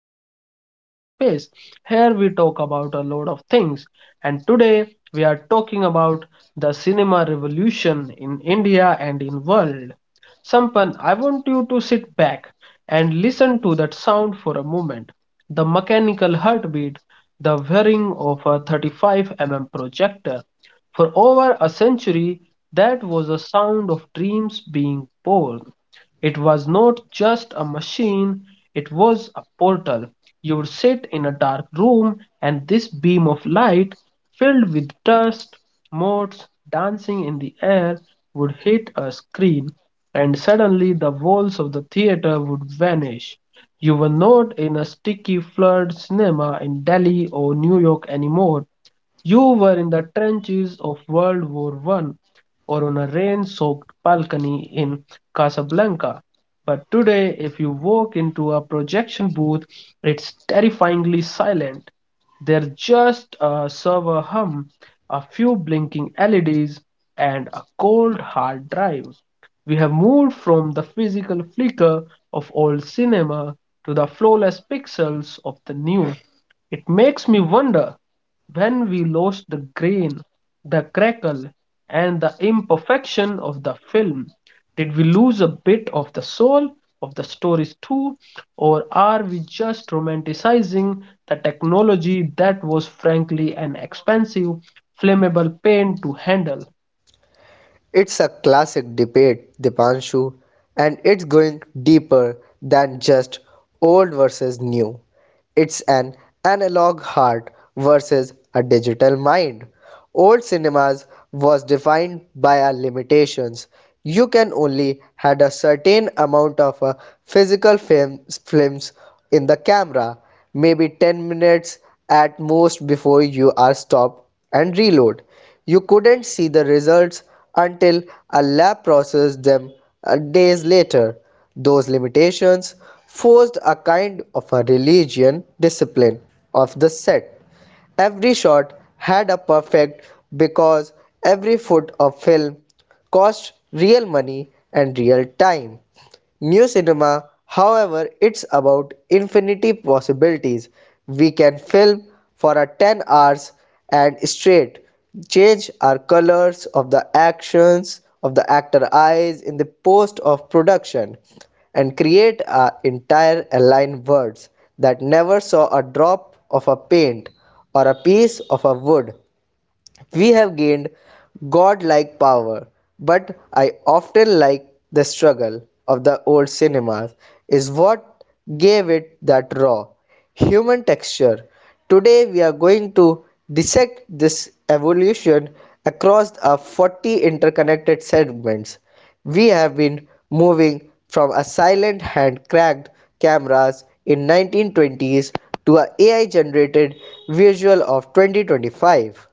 back to our podcast space. Here we talk about a lot of things, and today we are talking about the cinema revolution in India and in world. Sampan, I want you to sit back and listen to that sound for a moment. The mechanical heartbeat, the whirring of a 35 mm projector. For over a century, that was the sound of dreams being born. It was not just a machine, it was a portal. You would sit in a dark room, and this beam of light, filled with dust, motes dancing in the air, would hit a screen, and suddenly the walls of the theater would vanish. You were not in a sticky, flooded cinema in Delhi or New York anymore. You were in the trenches of World War One or on a rain soaked balcony in Casablanca. But today, if you walk into a projection booth, it's terrifyingly silent. There's just a server hum, a few blinking LEDs, and a cold hard drive. We have moved from the physical flicker of old cinema to the flawless pixels of the new. It makes me wonder when we lost the grain, the crackle, and the imperfection of the film. Did we lose a bit of the soul of the stories too, or are we just romanticizing the technology that was frankly an expensive, flammable pain to handle? It's a classic debate, Dipanshu, and it's going deeper than just old versus new. It's an analog heart versus a digital mind. Old cinemas was defined by our limitations. You can only had a certain amount of a films in the camera, maybe 10 minutes at most before you are stopped and reload. You couldn't see the results until a lab processed them days later. Those limitations forced a kind of a religion discipline of the set. Every shot had a perfect because every foot of film cost real money and real time. New cinema, however, it's about infinity possibilities. We can film for a 10 hours and straight, change our colors of the actions of the actor eyes in the post of production and create an entire aligned words that never saw a drop of a paint or a piece of a wood we have gained godlike power, but I often like the struggle of the old cinemas is what gave it that raw human texture. Today we are going to dissect this evolution across our 40 interconnected segments. We have been moving from a silent hand cranked cameras in 1920s to a AI generated visual of 2025.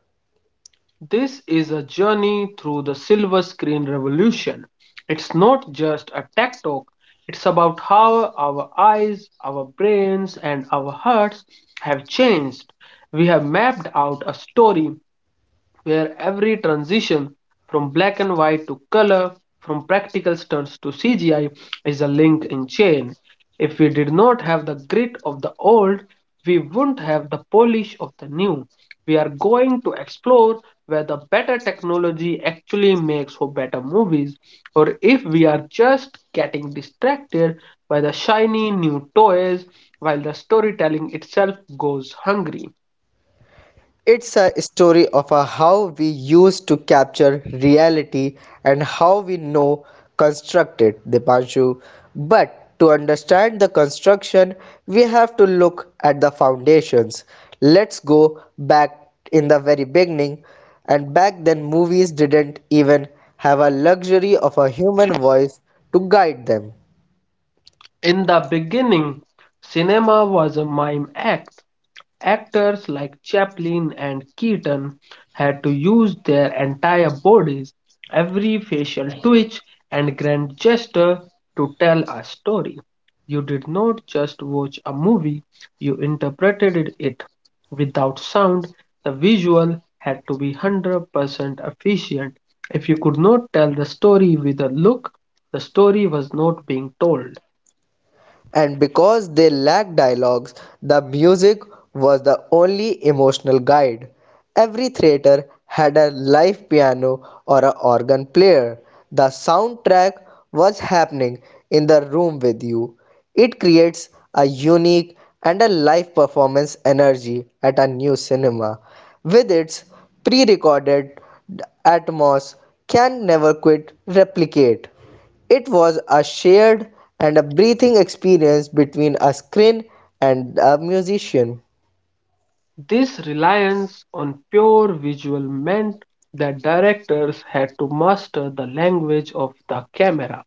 This is a journey through the silver screen revolution. It's not just a tech talk, it's about how our eyes, our brains, and our hearts have changed. We have mapped out a story where every transition from black and white to color, from practical stunts to CGI, is a link in chain. If we did not have the grit of the old, we wouldn't have the polish of the new. We are going to explore whether better technology actually makes for better movies, or if we are just getting distracted by the shiny new toys while the storytelling itself goes hungry. It's a story of a how we used to capture reality and how we know construct it, Dipanshu. But to understand the construction, we have to look at the foundations. Let's go back in the very beginning. And back then, movies didn't even have a luxury of a human voice to guide them. In the beginning, cinema was a mime act. Actors like Chaplin and Keaton had to use their entire bodies, every facial twitch and grand gesture to tell a story. You did not just watch a movie, you interpreted it. Without sound, the visual had to be 100% efficient. If you could not tell the story with a look, the story was not being told. And because they lacked dialogues, the music was the only emotional guide. Every theater had a live piano or an organ player. The soundtrack was happening in the room with you. It creates a unique and a live performance energy at a new cinema. With its pre recorded atmos, can never quite replicate. It was a shared and a breathing experience between a screen and a musician. This reliance on pure visual meant that directors had to master the language of the camera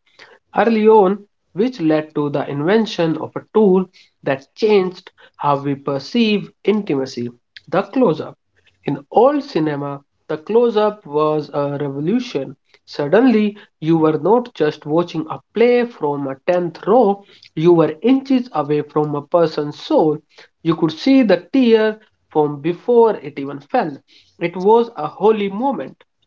early on, which led to the invention of a tool that changed how we perceive intimacy the close up in old cinema, the close up was a revolution. Suddenly, you were not just watching a play from a 10th row, you were inches away from a person's soul. You could see the tear from before it even fell. It was a holy moment.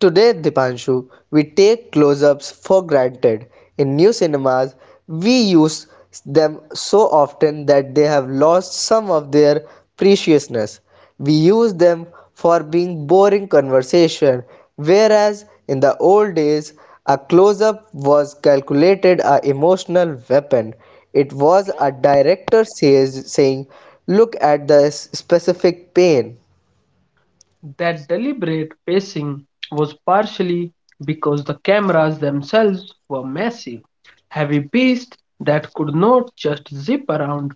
Today, Dipanshu, we take close ups for granted. In new cinemas, we use them so often that they have lost some of their preciousness. We use them for being boring conversation, whereas in the old days, a close up was calculated a emotional weapon. It was a director says, saying, look at the specific pain. That deliberate pacing was partially because the cameras themselves were massive heavy beasts that could not just zip around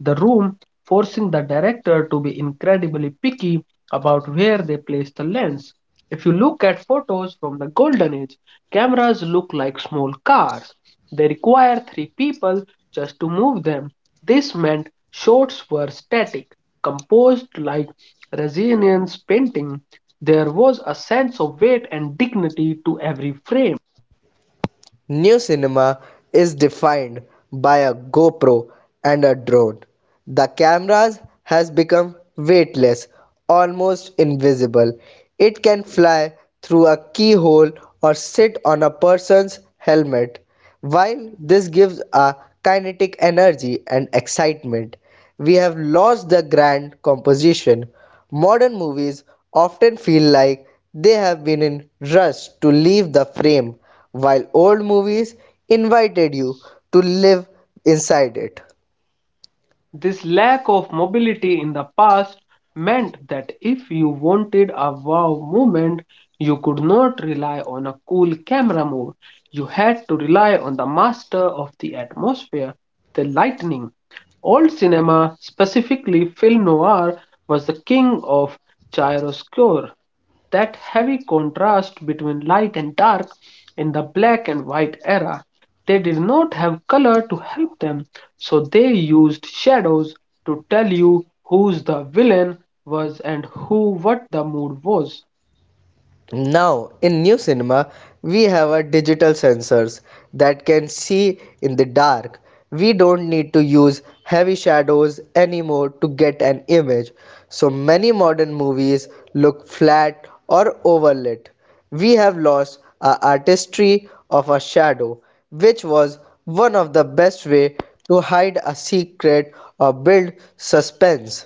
the room, forcing the director to be incredibly picky about where they place the lens. If you look at photos from the golden age, cameras look like small cars. They require three people just to move them. This meant shots were static, composed like Resilience painting. There was a sense of weight and dignity to every frame. New cinema is defined by a GoPro and a drone. The cameras has become weightless, almost invisible. It can fly through a keyhole or sit on a person's helmet. While this gives a kinetic energy and excitement, we have lost the grand composition. Modern movies often feel like they have been in rush to leave the frame, while old movies invited you to live inside it. This lack of mobility in the past meant that if you wanted a wow moment, you could not rely on a cool camera move. You had to rely on the master of the atmosphere, the lightning. Old cinema, specifically film noir, was the king of chiaroscuro that heavy contrast between light and dark in the black and white era. They did not have color to help them, so they used shadows to tell you who's the villain was and who what the mood was. Now, in new cinema, we have our digital sensors that can see in the dark. We don't need to use heavy shadows anymore to get an image. So many modern movies look flat or overlit. We have lost our artistry of a shadow, which was one of the best way to hide a secret or build suspense.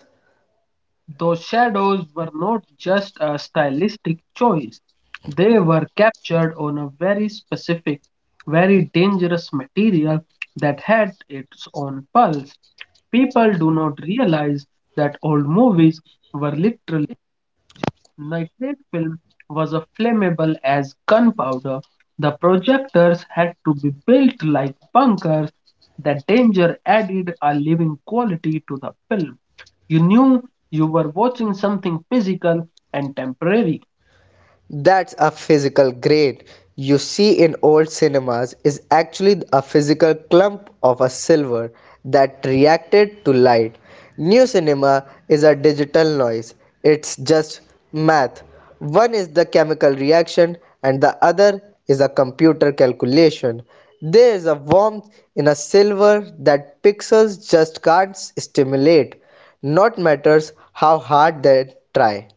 Those shadows were not just a stylistic choice, they were captured on a very specific, very dangerous material that had its own pulse. People do not realize that old movies were lit. Nitrate film was as flammable as gunpowder. The projectors had to be built like bunkers. The danger added a living quality to the film. You knew you were watching something physical and temporary. That's a physical grain you see in old cinemas is actually a physical clump of a silver that reacted to light. New cinema is a digital noise. It's just math. One is the chemical reaction and the other is a computer calculation. There is a warmth in a silver that pixels just can't stimulate, not matters how hard they try.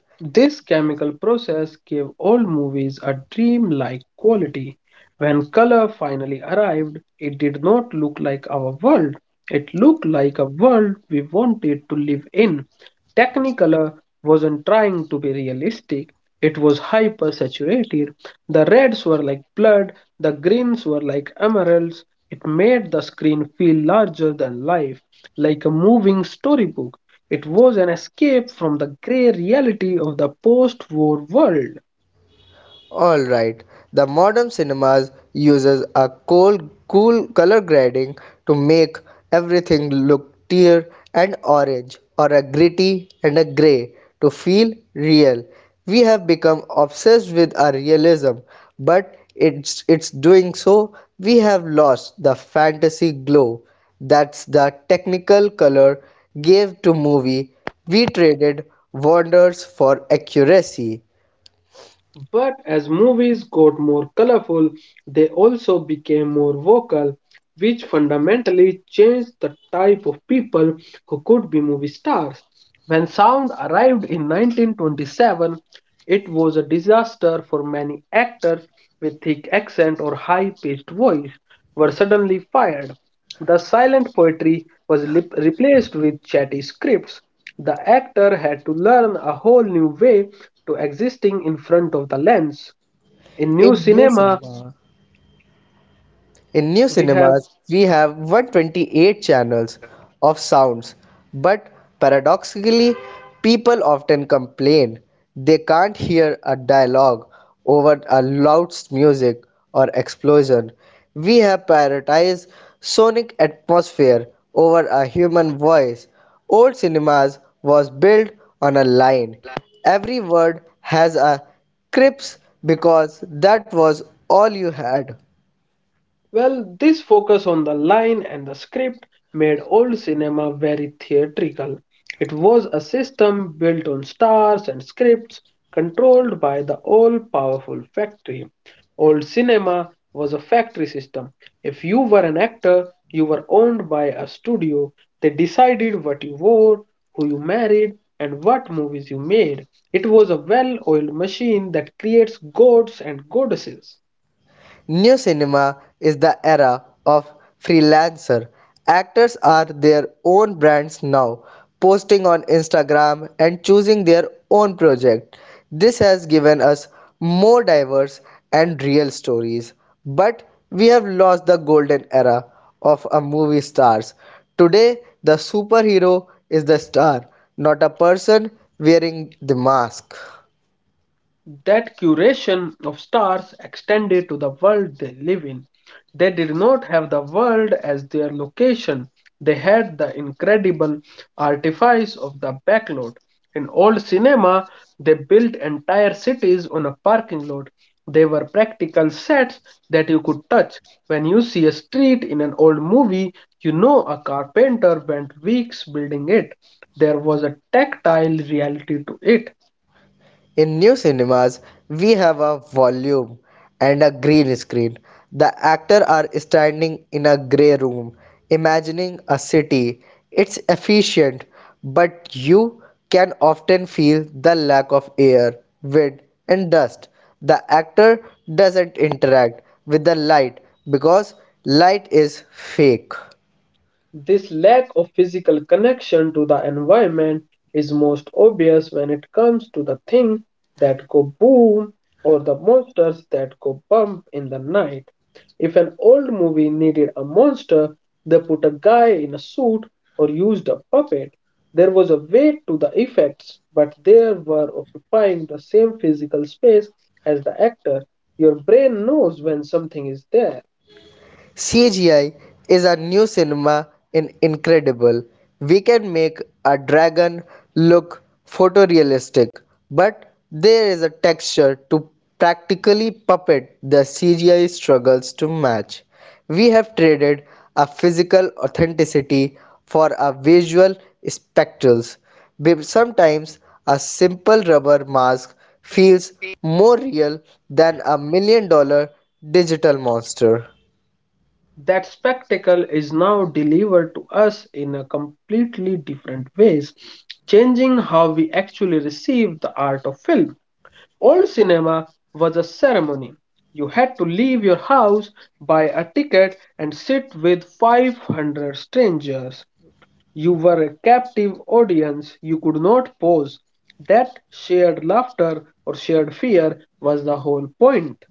This chemical process gave old movies a dreamlike quality. When color finally arrived, it did not look like our world. It looked like a world we wanted to live in. Technicolor wasn't trying to be realistic, it was hyper-saturated. The reds were like blood, the greens were like emeralds. It made the screen feel larger than life, like a moving storybook. It was an escape from the grey reality of the post war world. Alright, the modern cinemas uses a cool color grading to make everything look tear and orange or a gritty and a grey to feel real. We have become obsessed with our realism, but it's doing so we have lost the fantasy glow that's the technical color gave to movie. We traded wonders for accuracy. But as movies got more colorful, they also became more vocal, which fundamentally changed the type of people who could be movie stars. When sound arrived in 1927, it was a disaster for many actors with thick accent or high pitched voice were suddenly fired. The silent poetry was lip- replaced with chatty scripts. The actor had to learn a whole new way to existing in front of the lens. In new In new cinema, cinema, In new we have cinemas, we have 128 channels of sounds, but paradoxically, people often complain they can't hear a dialogue over a loud music or explosion. We have prioritized sonic atmosphere over a human voice. Old cinemas was built on a line. Every word has a crisp because that was all you had. well, this focus on the line and the script made old cinema very theatrical. It was a system built on stars and scripts, controlled by the all powerful factory. Old cinema was a factory system. If you were an actor, you were owned by a studio. They decided what you wore, who you married, and what movies you made. It was a well oiled machine that creates gods and goddesses. New cinema is the era of freelancer. Actors are their own brands now, posting on Instagram and choosing their own project. This has given us more diverse and real stories. But we have lost the golden era of a movie stars. Today, the superhero is the star, not a person wearing the mask. That curation of stars extended to the world they live in. They did not have the world as their location, they had the incredible artifice of the backlot. In old cinema, they built entire cities on a parking lot. They were practical sets that you could touch. When you see a street in an old movie, you know a carpenter spent weeks building it. There was a tactile reality to it. In new cinemas, we have a volume and a green screen. The actors are standing in a grey room, imagining a city. It's efficient, but you can often feel the lack of air, wind, and dust. The actor doesn't interact with the light because light is fake. This lack of physical connection to the environment is most obvious when it comes to the things that go boom or the monsters that go bump in the night. If an old movie needed a monster, they put a guy in a suit or used a puppet. There was a weight to the effects, but they were occupying the same physical space as the actor. Your brain knows when something is there. CGI is a new cinema in incredible. We can make a dragon look photorealistic, but there is a texture to practically puppet the CGI struggles to match. We have traded a physical authenticity for a visual spectacles. Sometimes a simple rubber mask feels more real than a $1 million digital monster. That spectacle is now delivered to us in a completely different ways, changing how we actually receive the art of film. Old cinema was a ceremony. You had to leave your house, buy a ticket, and sit with 500 strangers. You were a captive audience, you could not pause. That shared laughter or shared fear was the whole point.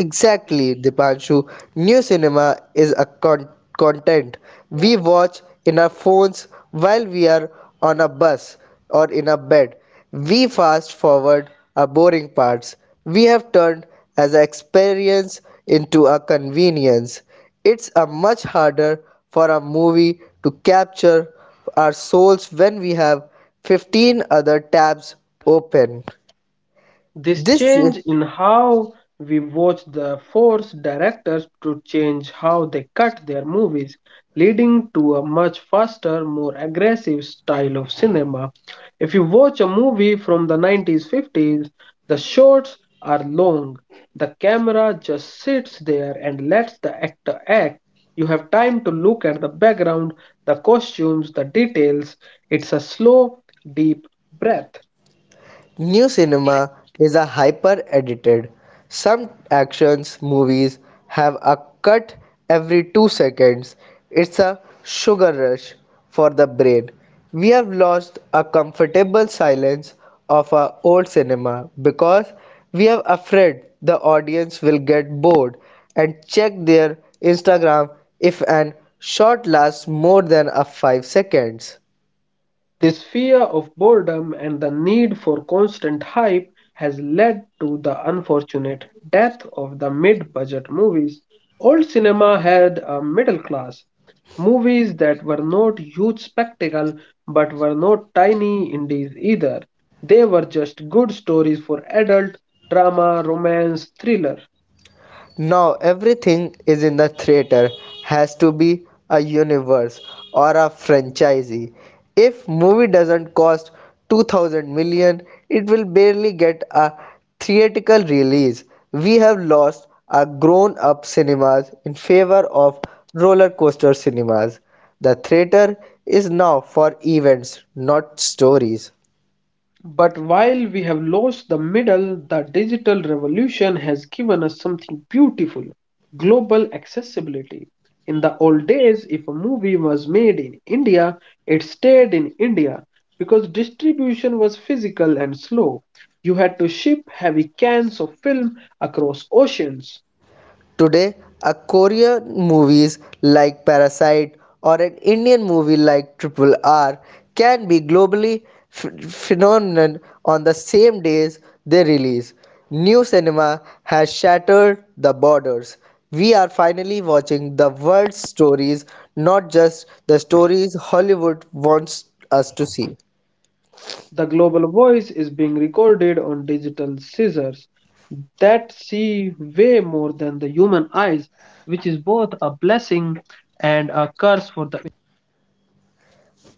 Exactly, Dipanshu. New cinema is a content we watch in our phones while we are on a bus or in a bed. We fast forward our boring parts. We have turned as an experience into a convenience. It's a much harder for a movie to capture our souls when we have 15 other tabs open. This This change in how we watch the forced directors to change how they cut their movies, leading to a much faster, more aggressive style of cinema. If you watch a movie from the 90s 50s, the shots are long. The camera just sits there and lets the actor act. You have time to look at the background, the costumes, the details. It's a slow, deep breath. New cinema is a hyper edited. Some actions movies have a cut every 2 seconds. It's a sugar rush for the brain. We have lost a comfortable silence of our old cinema because we are afraid the audience will get bored and check their Instagram if an shot lasts more than a 5 seconds. This fear of boredom and the need for constant hype has led to the unfortunate death of the mid budget movies. Old cinema had a middle class, movies that were not huge spectacle but were not tiny indies either. They were just good stories for adult drama, romance, thriller. Now everything is in the theater has to be a universe or a franchise. If movie doesn't cost 2000 million, it will barely get a theatrical release. We have lost our grown-up cinemas in favor of roller coaster cinemas. The theater is now for events, not stories. But while we have lost the middle, the digital revolution has given us something beautiful global accessibility. In the old days, if a movie was made in India, it stayed in India because distribution was physical and slow. You had to ship heavy cans of film across oceans. Today, a Korean movies like Parasite or an Indian movie like Triple R can be globally phenomenon on the same days they release. New cinema has shattered the borders. We are finally watching the world's stories, not just the stories Hollywood wants us to see. The global voice is being recorded on digital scissors that see way more than the human eyes, which is both a blessing and a curse for the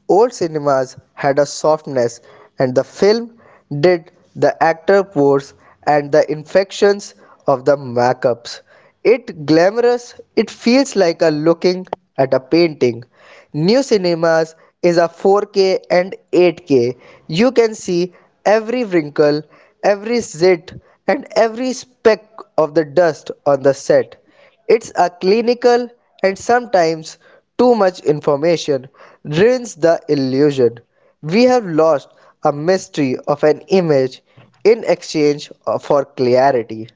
Old cinemas had a softness, and the film did the actor pores and the infections of the makeups. It glamorous, it feels like a looking at a painting. New cinemas is a 4K and 8K. You can see every wrinkle, every zit, and every speck of the dust on the set. It's a clinical and sometimes too much information ruins the illusion. We have lost a mystery of an image in exchange for clarity.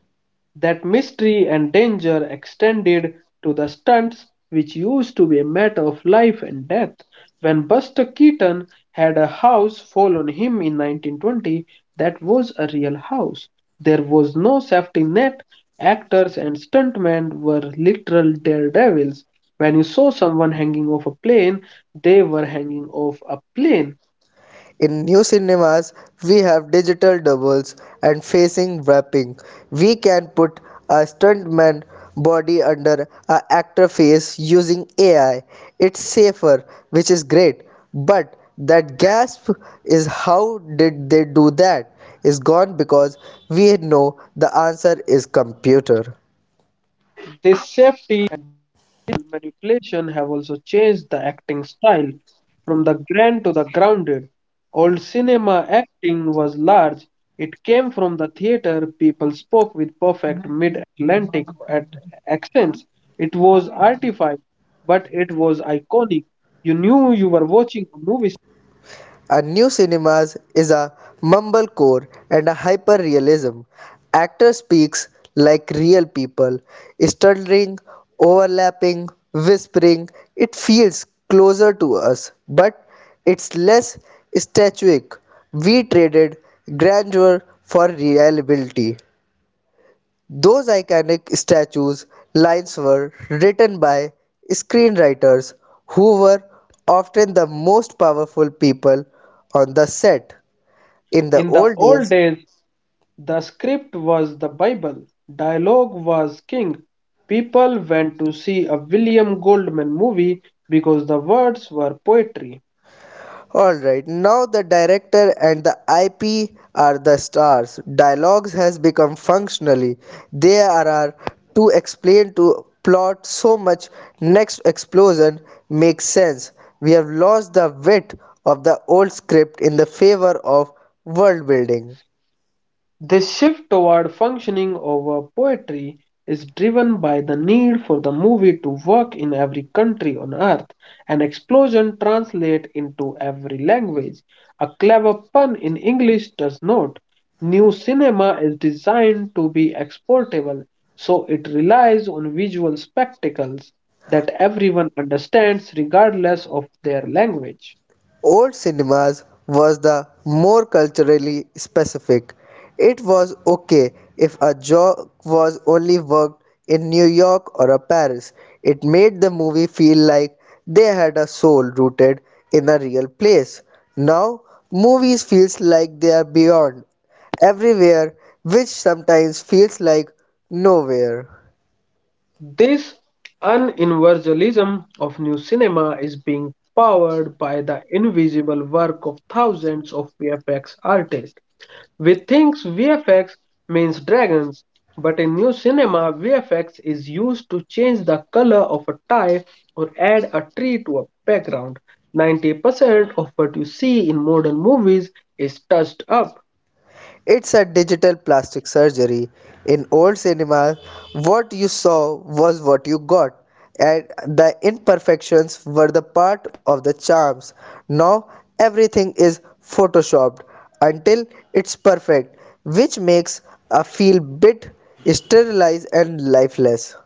that mystery and danger extended to the stunts, which used to be a matter of life and death. When Buster Keaton had a house fall on him in 1920, that was a real house. There was no safety net. Actors and stuntmen were literal daredevils. When you saw someone hanging off a plane, they were hanging off a plane. In new cinemas, we have digital doubles and facing wrapping. We can put a stuntman body under an actor face using AI. It's safer, which is great. But that gasp is how did they do that is gone because we know the answer is computer. This safety manipulation have also changed the acting style from the grand to the grounded. Old cinema acting was large, it came from the theater, people spoke with perfect mid Atlantic accents. It was artified, but it was iconic. You knew you were watching a movie. A new cinemas is a mumblecore and a hyper-realism. Actor speaks like real people, stuttering, overlapping, whispering. It feels closer to us, but it's less statuic. We traded grandeur for reliability. Those iconic statues' lines were written by screenwriters who were often the most powerful people on the set. In the In the old old days, days, the script was the Bible, dialogue was king. People went to see a William Goldman movie because the words were poetry. Alright, now the director and the IP are the stars. Dialogues has become functionally. They are to explain to plot so much next explosion makes sense. We have lost the wit of the old script in the favor of world building. This shift toward functioning over poetry is driven by the need for the movie to work in every country on earth, an explosion translate into every language. A clever pun in English does not. New cinema is designed to be exportable, so it relies on visual spectacles that everyone understands regardless of their language. Old cinemas was the more culturally specific. It was okay if a joke was only worked in New York or a Paris. It made the movie feel like they had a soul rooted in a real place. Now, movies feels like they are beyond everywhere, which sometimes feels like nowhere. This universalism of new cinema is being powered by the invisible work of thousands of VFX artists. We think VFX means dragons, but in new cinema, VFX is used to change the color of a tie or add a tree to a background. 90% of what you see in modern movies is touched up. It's a digital plastic surgery. In old cinema, what you saw was what you got, and the imperfections were the part of the charms. Now everything is photoshopped until it's perfect, which makes a feel bit sterilized and lifeless.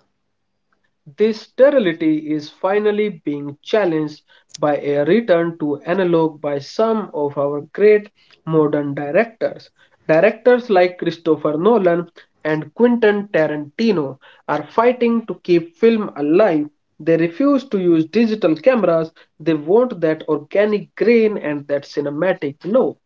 This sterility is finally being challenged by a return to analog by some of our great modern directors. Directors like Christopher Nolan and Quentin Tarantino are fighting to keep film alive. They refuse to use digital cameras. They want that organic grain and that cinematic note.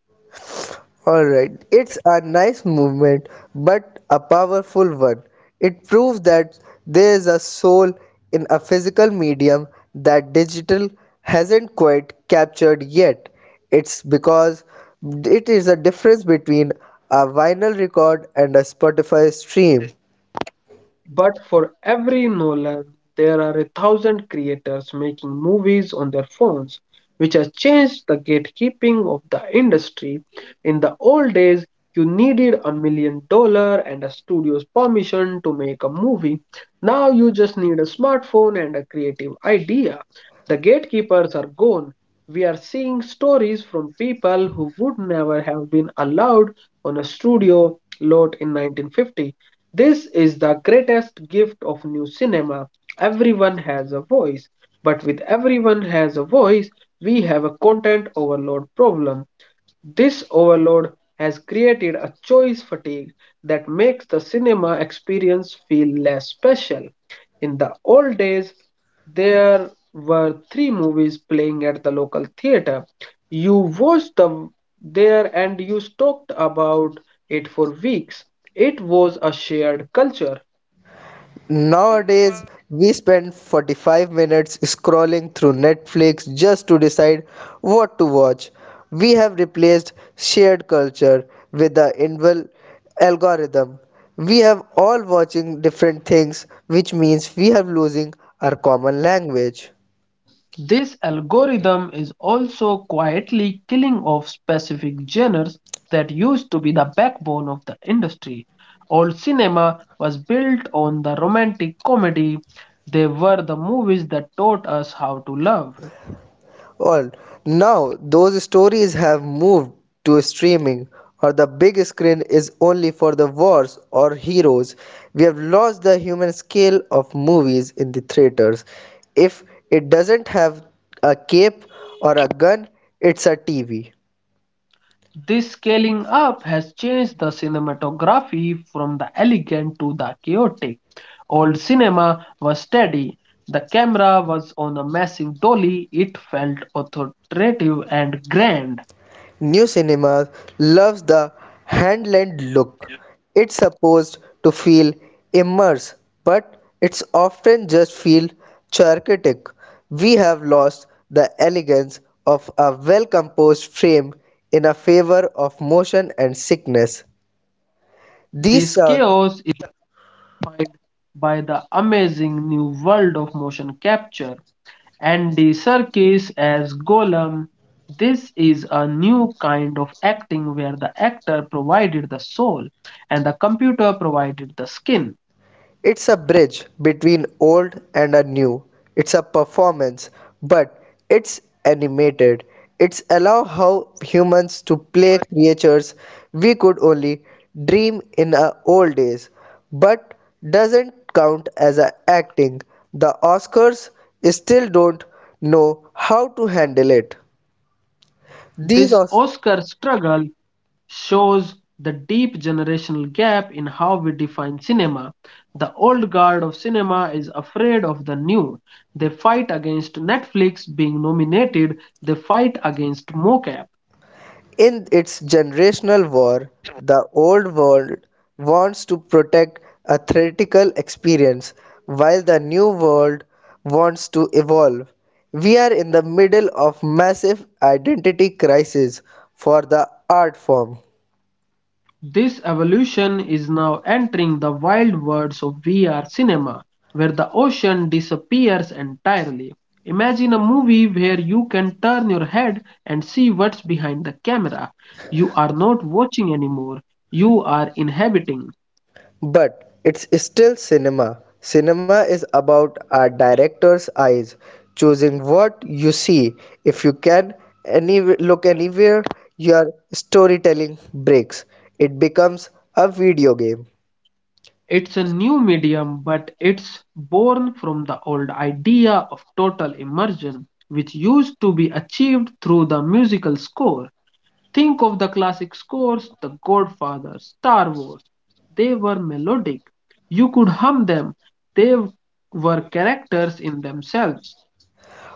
Alright, it's a nice movement, but a powerful one. It proves that there is a soul in a physical medium that digital hasn't quite captured yet. It's because it is a difference between a vinyl record and a Spotify stream. But for every Nolan, there are a thousand creators making movies on their phones, which has changed the gatekeeping of the industry. In the old days, you needed a million dollar and a studio's permission to make a movie. Now you just need a smartphone and a creative idea. The gatekeepers are gone. We are seeing stories from people who would never have been allowed on a studio lot in 1950. This is the greatest gift of new cinema. Everyone has a voice, but with everyone has a voice, we have a content overload problem. This overload has created a choice fatigue that makes the cinema experience feel less special. In the old days, there were three movies playing at the local theater. You watched them there and you talked about it for weeks. It was a shared culture. Nowadays, we spend 45 minutes scrolling through Netflix just to decide what to watch. We have replaced shared culture with the invisible algorithm. We have all watching different things, which means we have losing our common language. This algorithm is also quietly killing off specific genres that used to be the backbone of the industry. Old cinema was built on the romantic comedy, they were the movies that taught us how to love. Well, now those stories have moved to streaming, or the big screen is only for the wars or heroes. We have lost the human scale of movies in the theaters. If it doesn't have a cape or a gun, it's a TV. This scaling up has changed the cinematography from the elegant to the chaotic. Old cinema was steady. The camera was on a massive dolly. It felt authoritative and grand. New cinema loves the hand-lent look. It's supposed to feel immersed, but it's often just feel chaotic. We have lost the elegance of a well-composed frame in a favor of motion and sickness. This These chaos are is defined by the amazing new world of motion capture. Andy Serkis as Gollum. This is a new kind of acting where the actor provided the soul and the computer provided the skin. It's a bridge between old and a new. It's a performance, but it's animated. It's allow how humans to play creatures we could only dream in our old days, but doesn't count as a acting. The Oscars still don't know how to handle it. These This Oscars Oscar struggle shows the deep generational gap in how we define cinema. The old guard of cinema is afraid of the new. They fight against Netflix being nominated, they fight against mocap. In its generational war, the old world wants to protect a theoretical experience, while the new world wants to evolve. We are in the middle of massive identity crisis for the art form. This evolution is now entering the wild worlds of VR cinema, where the ocean disappears entirely. Imagine a movie where you can turn your head and see what's behind the camera. You are not watching anymore, you are inhabiting. But it's still cinema. Cinema is about a director's eyes, choosing what you see. If you can any look anywhere, your storytelling breaks. It becomes a video game. It's a new medium, but it's born from the old idea of total immersion, which used to be achieved through the musical score. Think of the classic scores, The Godfather, Star Wars. They were melodic. You could hum them. They were characters in themselves.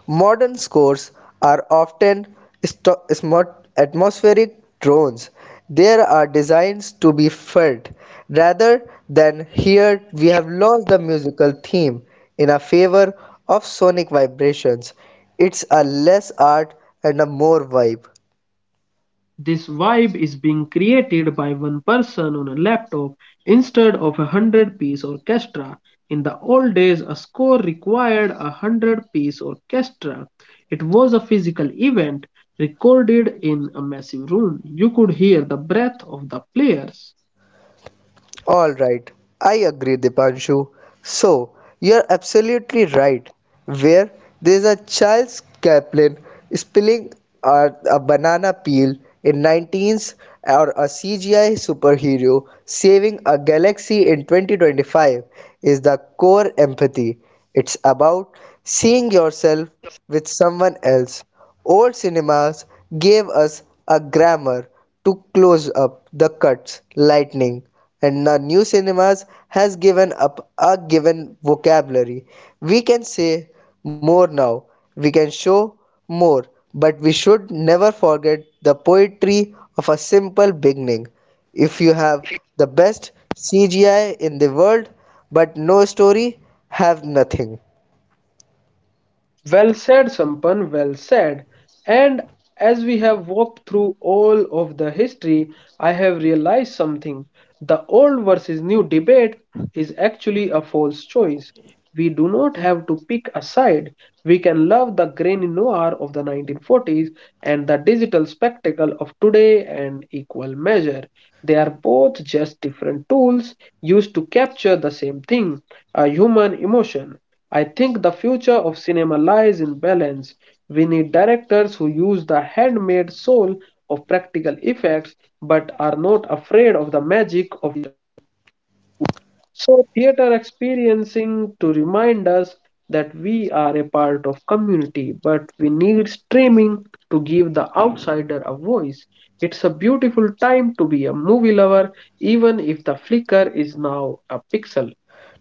Modern scores are often atmospheric drones. They are designed to be felt rather than heard. We have lost the musical theme in a favor of sonic vibrations. It's a less art and a more vibe. This vibe is being created by one person on a laptop instead of a hundred-piece orchestra. In the old days, a score required a hundred-piece orchestra. It was a physical event recorded in a massive room. You could hear the breath of the players. All right, I agree, Dipanshu. So, you're absolutely right. Where there's a Charles Chaplin spilling a banana peel in 19s or a CGI superhero saving a galaxy in 2025 is the core empathy. It's about seeing yourself with someone else. Old cinemas gave us a grammar to close up the cuts, lightning, and now new cinemas has given up a given vocabulary. We can say more now, we can show more, but we should never forget the poetry of a simple beginning. If you have the best CGI in the world, but no story, have nothing. Well said, Sampan, well said. And as we have walked through all of the history, I have realized something. The old versus new debate is actually a false choice. We do not have to pick a side. We can love the grainy noir of the 1940s and the digital spectacle of today and equal measure. They are both just different tools used to capture the same thing, a human emotion. I think the future of cinema lies in balance. We need directors who use the handmade soul of practical effects but are not afraid of the magic of so theater experiencing to remind us that we are a part of community but we need streaming to give the outsider a voice. It's a beautiful time to be a movie lover even if the flicker is now a pixel.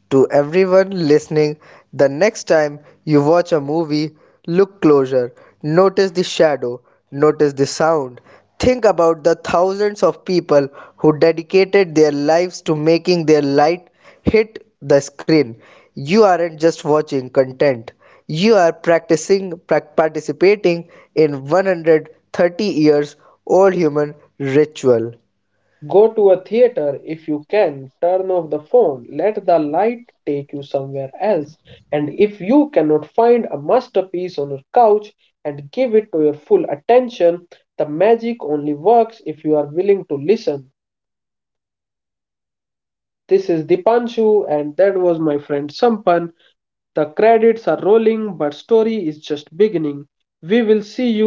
To everyone listening, the next time you watch a movie, look closer, notice the shadow, notice the sound. Think about the thousands of people who dedicated their lives to making their light hit the screen. You aren't just watching content, you are practicing participating in 130 years old human ritual. Go to a theater if you can, turn off the phone, let the light take you somewhere else. And if you cannot find a masterpiece on your couch This and is give it to Sampan your and full this is attention, Dipanshu. the The magic only credits works are if you are rolling, willing to but the listen. stories is just beginning. This is We'll see Dipanshu, you and at that the was my next friend movies. Sampan. The credits are rolling, but story is just beginning. We will see you.